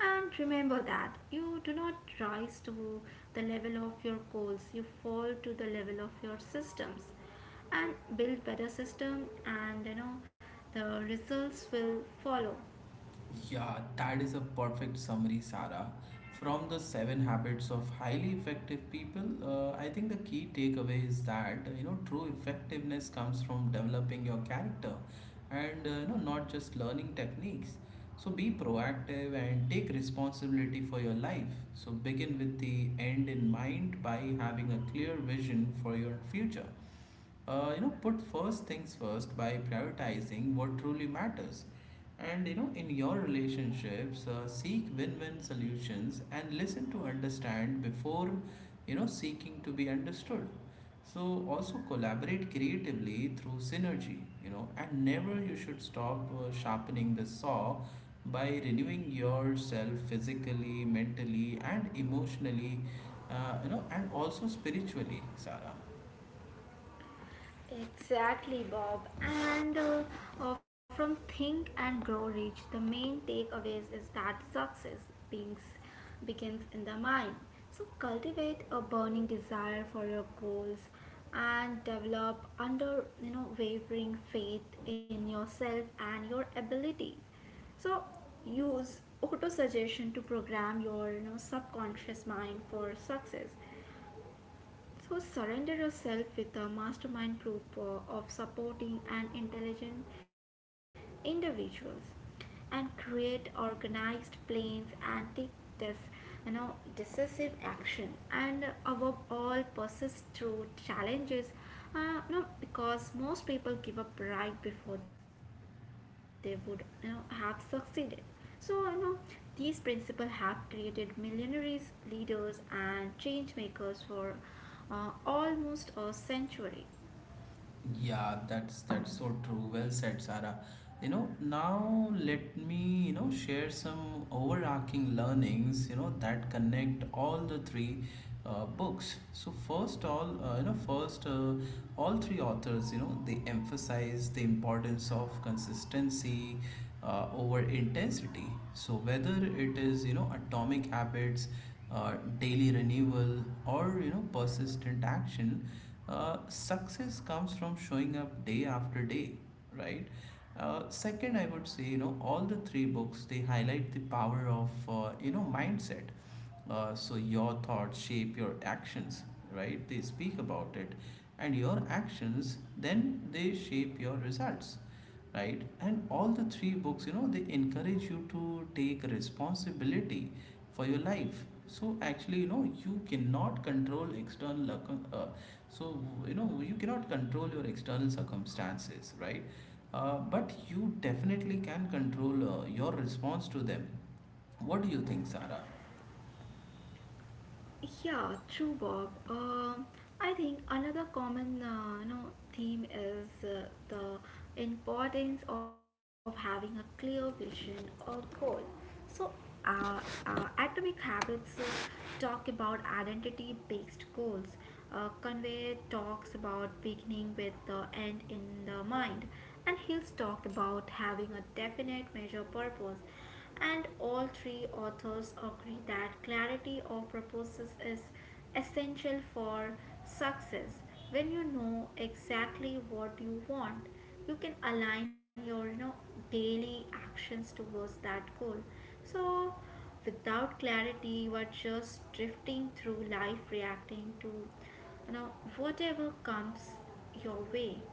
and remember that you do not rise to the level of your goals; you fall to the level of your systems, and build better system, and you know the results will follow. Yeah, that is a perfect summary, Sarah. From the Seven Habits of Highly Effective People, uh, I think the key takeaway is that you know true effectiveness comes from developing your character, and uh, you know not just learning techniques. So be proactive and take responsibility for your life. So begin with the end in mind by having a clear vision for your future, uh, you know, put first things first by prioritizing what truly matters, and you know in your relationships uh, seek win-win solutions and listen to understand before you know seeking to be understood. So also collaborate creatively through synergy, you know, and never you should stop uh, sharpening the saw by renewing yourself physically, mentally, and emotionally, uh, you know, and also spiritually, Sarah. Exactly, Bob. And uh, uh, from Think and Grow Rich, the main takeaways is that success begins, begins in the mind. So cultivate a burning desire for your goals and develop under you know wavering faith in yourself and your abilities. So use auto suggestion to program your you know subconscious mind for success. So surrender yourself with a mastermind group uh, of supporting and intelligent individuals, and create organized plans and take this you know decisive action, and above all persist through challenges uh, you know, because most people give up right before they would you know have succeeded. So, you know, these principles have created millionaires, leaders, and change makers for uh, almost a century. Yeah, that's that's so true. Well said, Sarah. You know, now let me, you know, share some overarching learnings, you know, that connect all the three uh, books. So first all, uh, you know, first uh, all three authors, you know, they emphasize the importance of consistency uh, over intensity. So whether it is, you know, atomic habits, uh, daily renewal, or, you know, persistent action, uh, success comes from showing up day after day, right? Uh, second, I would say, you know, all the three books they highlight the power of, uh, you know, mindset. Uh, so your thoughts shape your actions, right? They speak about it, and your actions then they shape your results, right. And all the three books you know they encourage you to take responsibility for your life. So actually you know you cannot control external circum- uh, so you know you cannot control your external circumstances, right? Uh, but you definitely can control uh, your response to them. What do you think, Sarah? Yeah, true, Bob. Um I think another common, uh, you know, theme is uh, the importance of having a clear vision or goal. So, uh, uh, Atomic Habits uh, talk about identity-based goals. Uh, Conway talks about beginning with the end in the mind, and Hills talked about having a definite major purpose. And all three authors agree that clarity of purposes is essential for success. When you know exactly what you want, you can align your you know daily actions towards that goal. So without clarity you are just drifting through life reacting to you know whatever comes your way.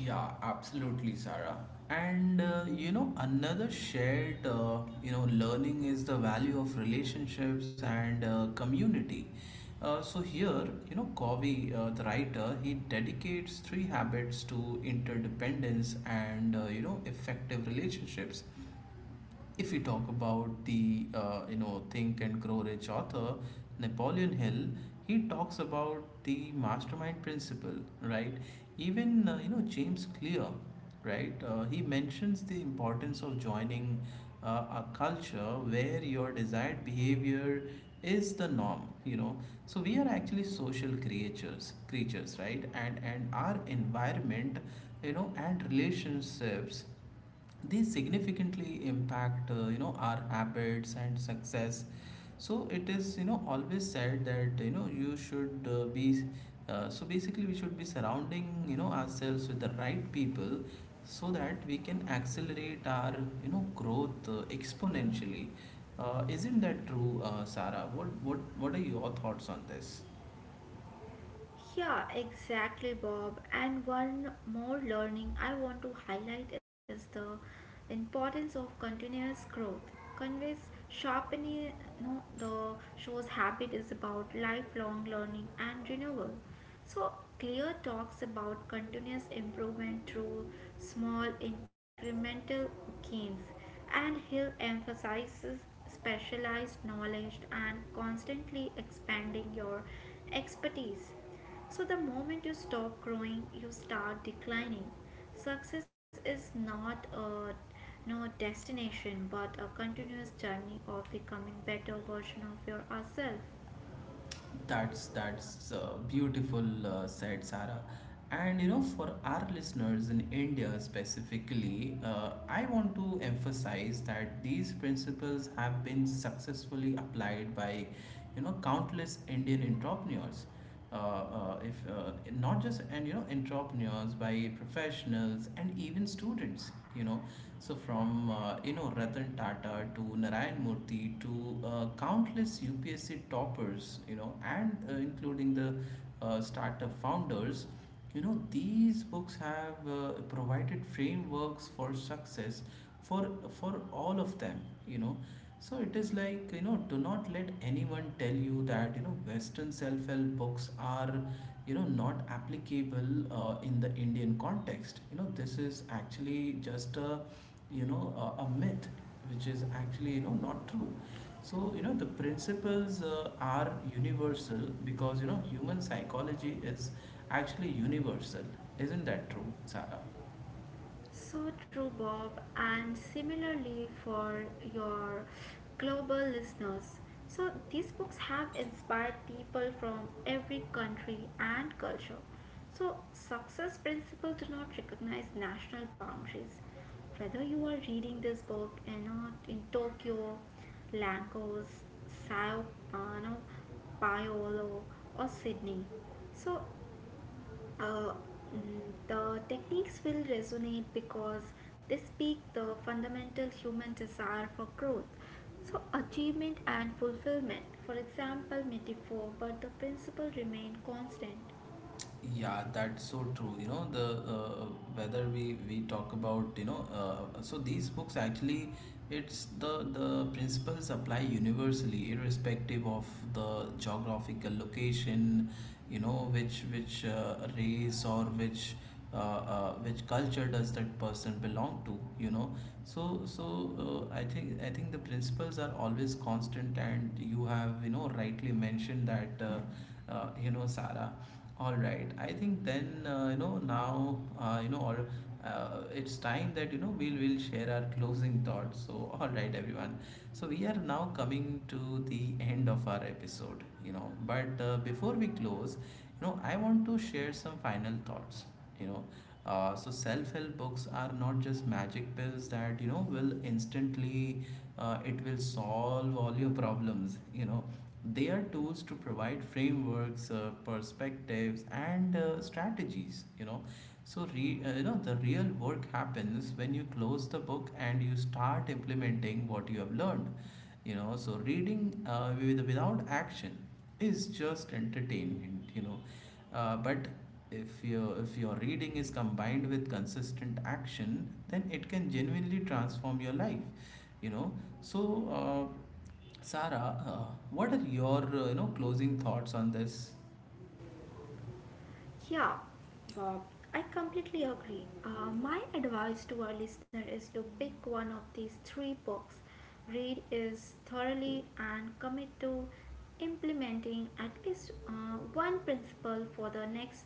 Yeah, absolutely, Sarah. And uh, you know, another shared uh, you know learning is the value of relationships and uh, community. Uh, so here, you know, Covey, uh, the writer, he dedicates three habits to interdependence and uh, you know effective relationships. If we talk about the uh, you know Think and Grow Rich author Napoleon Hill, he talks about the mastermind principle, right? Even uh, you know James Clear, right? Uh, he mentions the importance of joining uh, a culture where your desired behavior is the norm. You know, so we are actually social creatures, creatures, right? And and our environment, you know, and relationships they significantly impact uh, you know our habits and success. So it is you know always said that you know you should uh, be uh, so basically we should be surrounding you know ourselves with the right people so that we can accelerate our you know growth uh, exponentially. Uh, isn't that true, uh, Sarah? What what what are your thoughts on this? Yeah, exactly, Bob. And one more learning I want to highlight is the importance of continuous growth. Conveys sharpening, you know, the show's habit is about lifelong learning and renewal. So, Clear talks about continuous improvement through small incremental gains, and Hill emphasizes specialized knowledge and constantly expanding your expertise. So, the moment you stop growing, you start declining. Success is not a no destination but a continuous journey of becoming better version of yourself. That's that's uh, beautiful uh, said, Sarah. And you know, for our listeners in India specifically, uh, I want to emphasize that these principles have been successfully applied by, you know, countless Indian entrepreneurs, uh, uh, if uh, not just and you know entrepreneurs by professionals and even students you know. So from uh, you know Ratan Tata to Narayan Murthy to uh, countless U P S C toppers you know and uh, including the uh, startup founders, you know these books have uh, provided frameworks for success for for all of them, you know. So it is like, you know, do not let anyone tell you that, you know, Western self-help books are, you know, not applicable uh, in the Indian context. You know, this is actually just a, you know, a, a myth, which is actually, you know, not true. So, you know, the principles uh, are universal because, you know, human psychology is actually universal. Isn't that true, Sarah? So true, Bob, and similarly for your global listeners. So, these books have inspired people from every country and culture. So, success principles do not recognize national boundaries. Whether you are reading this book, you know, in Tokyo, Lagos, Sao uh, no, Paulo, or Sydney. So, uh, mm, the techniques will resonate because they speak the fundamental human desire for growth. So, achievement and fulfillment, for example, metaphor, but the principle remain constant. Yeah, that's so true. You know, the uh, whether we we talk about, you know, uh, so these books actually it's the the principles apply universally irrespective of the geographical location, you know, which which uh, race or which uh, uh, which culture does that person belong to, you know. So so uh, I think i think the principles are always constant and you have you know rightly mentioned that uh, uh, you know, Sarah. All right, I think then uh, you know now uh, you know or uh, it's time that you know we'll we'll share our closing thoughts. So all right everyone, so we are now coming to the end of our episode, you know. But uh, before we close, you know, I want to share some final thoughts, you know. Uh, so self-help books are not just magic pills that you know will instantly uh, it will solve all your problems, you know. They are tools to provide frameworks, uh, perspectives, and uh, strategies, you know. So, re, uh, you know, the real work happens when you close the book and you start implementing what you have learned. You know, so reading uh, with, without action is just entertainment. You know, uh, but if your if your reading is combined with consistent action, then it can genuinely transform your life. You know, so uh, Sarah, uh, what are your uh, you know closing thoughts on this? Yeah. Uh, I completely agree. Uh, my advice to our listener is to pick one of these three books, read is thoroughly, and commit to implementing at least uh, one principle for the next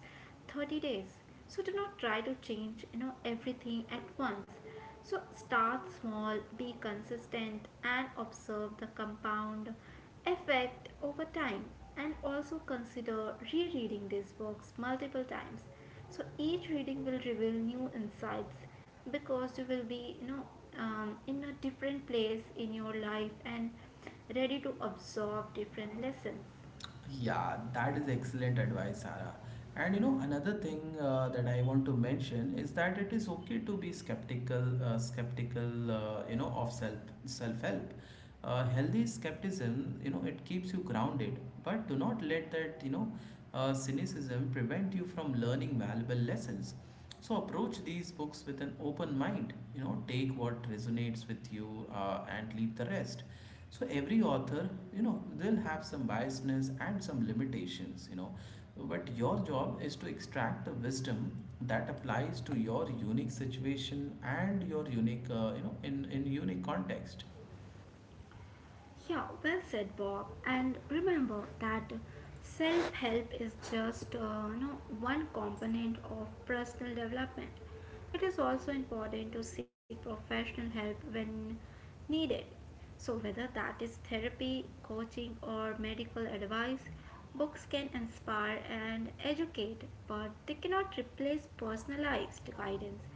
thirty days. So do not try to change you know everything at once. So start small, be consistent, and observe the compound effect over time. And also consider rereading these books multiple times. So each reading will reveal new insights because you will be, you know, um, in a different place in your life and ready to absorb different lessons. Yeah, that is excellent advice, Sarah. And you know, another thing uh, that I want to mention is that it is okay to be skeptical, uh, skeptical, uh, you know, of self self help. Uh, healthy skepticism, you know, it keeps you grounded, but do not let that, you know, uh, cynicism prevent you from learning valuable lessons. So approach these books with an open mind. You know, take what resonates with you uh, and leave the rest. So every author, you know, they'll have some biasness and some limitations, you know. But your job is to extract the wisdom that applies to your unique situation and your unique, uh, you know, in, in unique context. Yeah, well said, Bob. And remember that self help is just uh, you know, one component of personal development. It is also important to seek professional help when needed. So, whether that is therapy, coaching, or medical advice, books can inspire and educate, but they cannot replace personalized guidance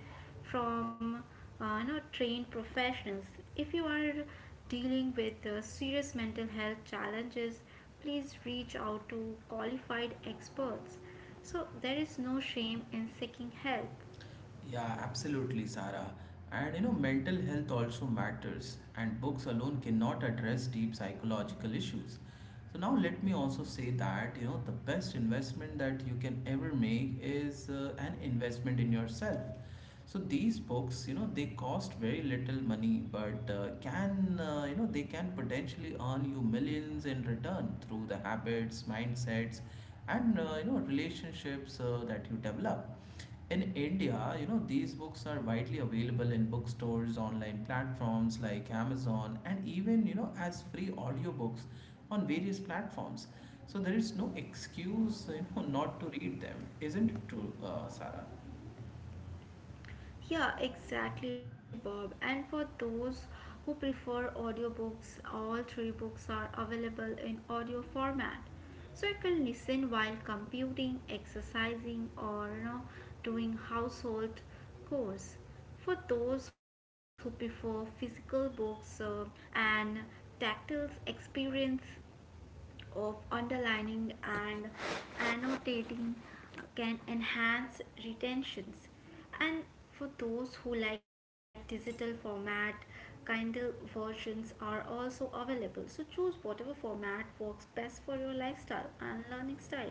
from uh, you know, trained professionals. If you are dealing with uh, serious mental health challenges, please reach out to qualified experts. So, there is no shame in seeking help. Yeah, absolutely, Sarah. And you know, mental health also matters, and books alone cannot address deep psychological issues. So now let me also say that you know the best investment that you can ever make is uh, an investment in yourself. So these books, you know, they cost very little money, but uh, can uh, you know they can potentially earn you millions in return through the habits, mindsets, and uh, you know relationships uh, that you develop. In India, you know, these books are widely available in bookstores, online platforms like Amazon, and even, you know, as free audiobooks on various platforms. So there is no excuse, you know, not to read them. Isn't it true, uh, Sarah? Yeah, exactly, Bob. And for those who prefer audiobooks, all three books are available in audio format. So you can listen while computing, exercising, or, you know, doing household chores. For those who prefer physical books uh, and tactile experience, of underlining and annotating can enhance retentions. And for those who like digital format, Kindle versions are also available. So choose whatever format works best for your lifestyle and learning style.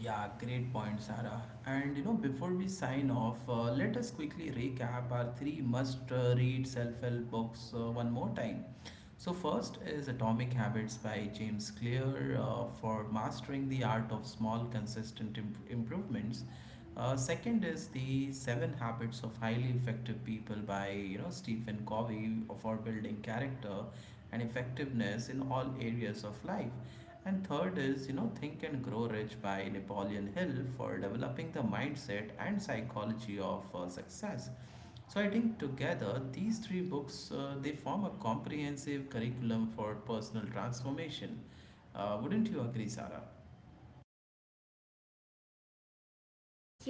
Yeah, great point, Sarah. And you know, before we sign off, uh, let us quickly recap our three must uh, read self help books uh, one more time. So, first is Atomic Habits by James Clear uh, for mastering the art of small, consistent imp- improvements. Uh, second is the Seven Habits of Highly Effective People by you know Stephen Covey for building character and effectiveness in all areas of life. And third is, you know, Think and Grow Rich by Napoleon Hill for developing the mindset and psychology of uh, success. So I think together these three books uh, they form a comprehensive curriculum for personal transformation. Uh, wouldn't you agree, Sarah?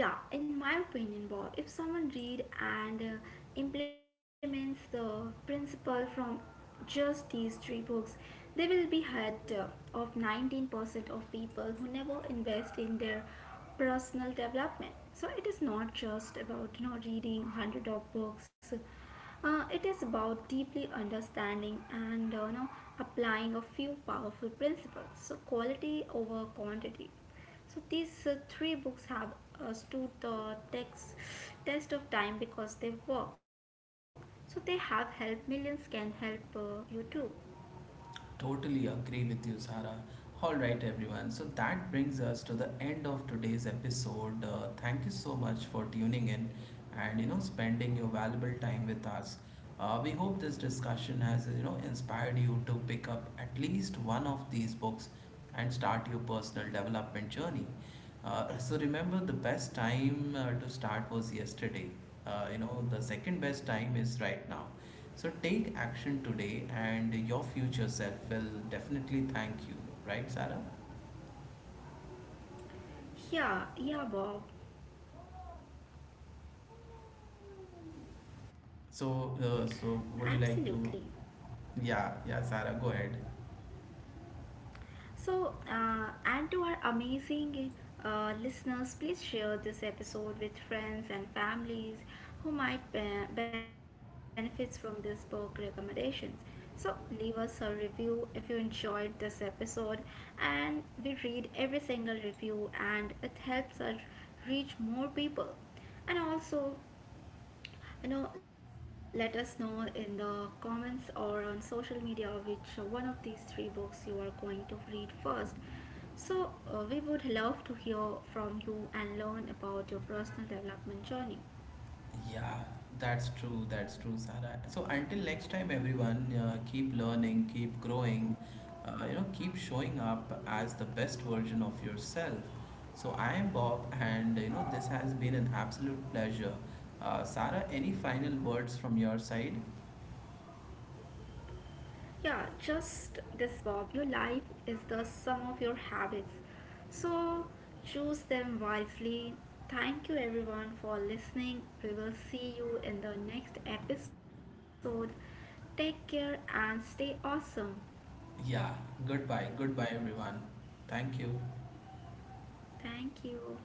Yeah, in my opinion, Bob, if someone read and uh, implements the principle from just these three books, they will be ahead uh, of nineteen percent of people who never invest in their personal development. So it is not just about you know reading hundred of books. Uh, it is about deeply understanding and uh, you know applying a few powerful principles. So quality over quantity. So these uh, three books have uh, stood the text, test of time because they work. So they have helped millions. Can help uh, you too. Totally agree with you, Sara. All right, everyone. So that brings us to the end of today's episode. Uh, thank you so much for tuning in and you know spending your valuable time with us. Uh, we hope this discussion has you know inspired you to pick up at least one of these books and start your personal development journey. Uh, so remember, the best time uh, to start was yesterday. Uh, you know, the second best time is right now. So take action today, and your future self will definitely thank you, right, Sarah? Yeah, yeah, Bob. So, uh, so Absolutely. would you like to? Yeah, yeah, Sarah, go ahead. So, uh, and to our amazing uh, listeners, please share this episode with friends and families who might be- benefit from this book recommendations. So, leave us a review if you enjoyed this episode, and we read every single review, and it helps us reach more people. And also, you know let us know in the comments or on social media which one of these three books you are going to read first. So uh, we would love to hear from you and learn about your personal development journey. Yeah, that's true. That's true, Sarah. So until next time, everyone, uh, keep learning, keep growing, uh, you know, keep showing up as the best version of yourself. So I am Bob, and you know, this has been an absolute pleasure. Uh, Sarah, any final words from your side? Yeah, just this, Bob. Your life is the sum of your habits, so choose them wisely. Thank you everyone for listening. We will see you in the next episode. Take care and stay awesome. Yeah, goodbye. Goodbye, everyone. Thank you. Thank you.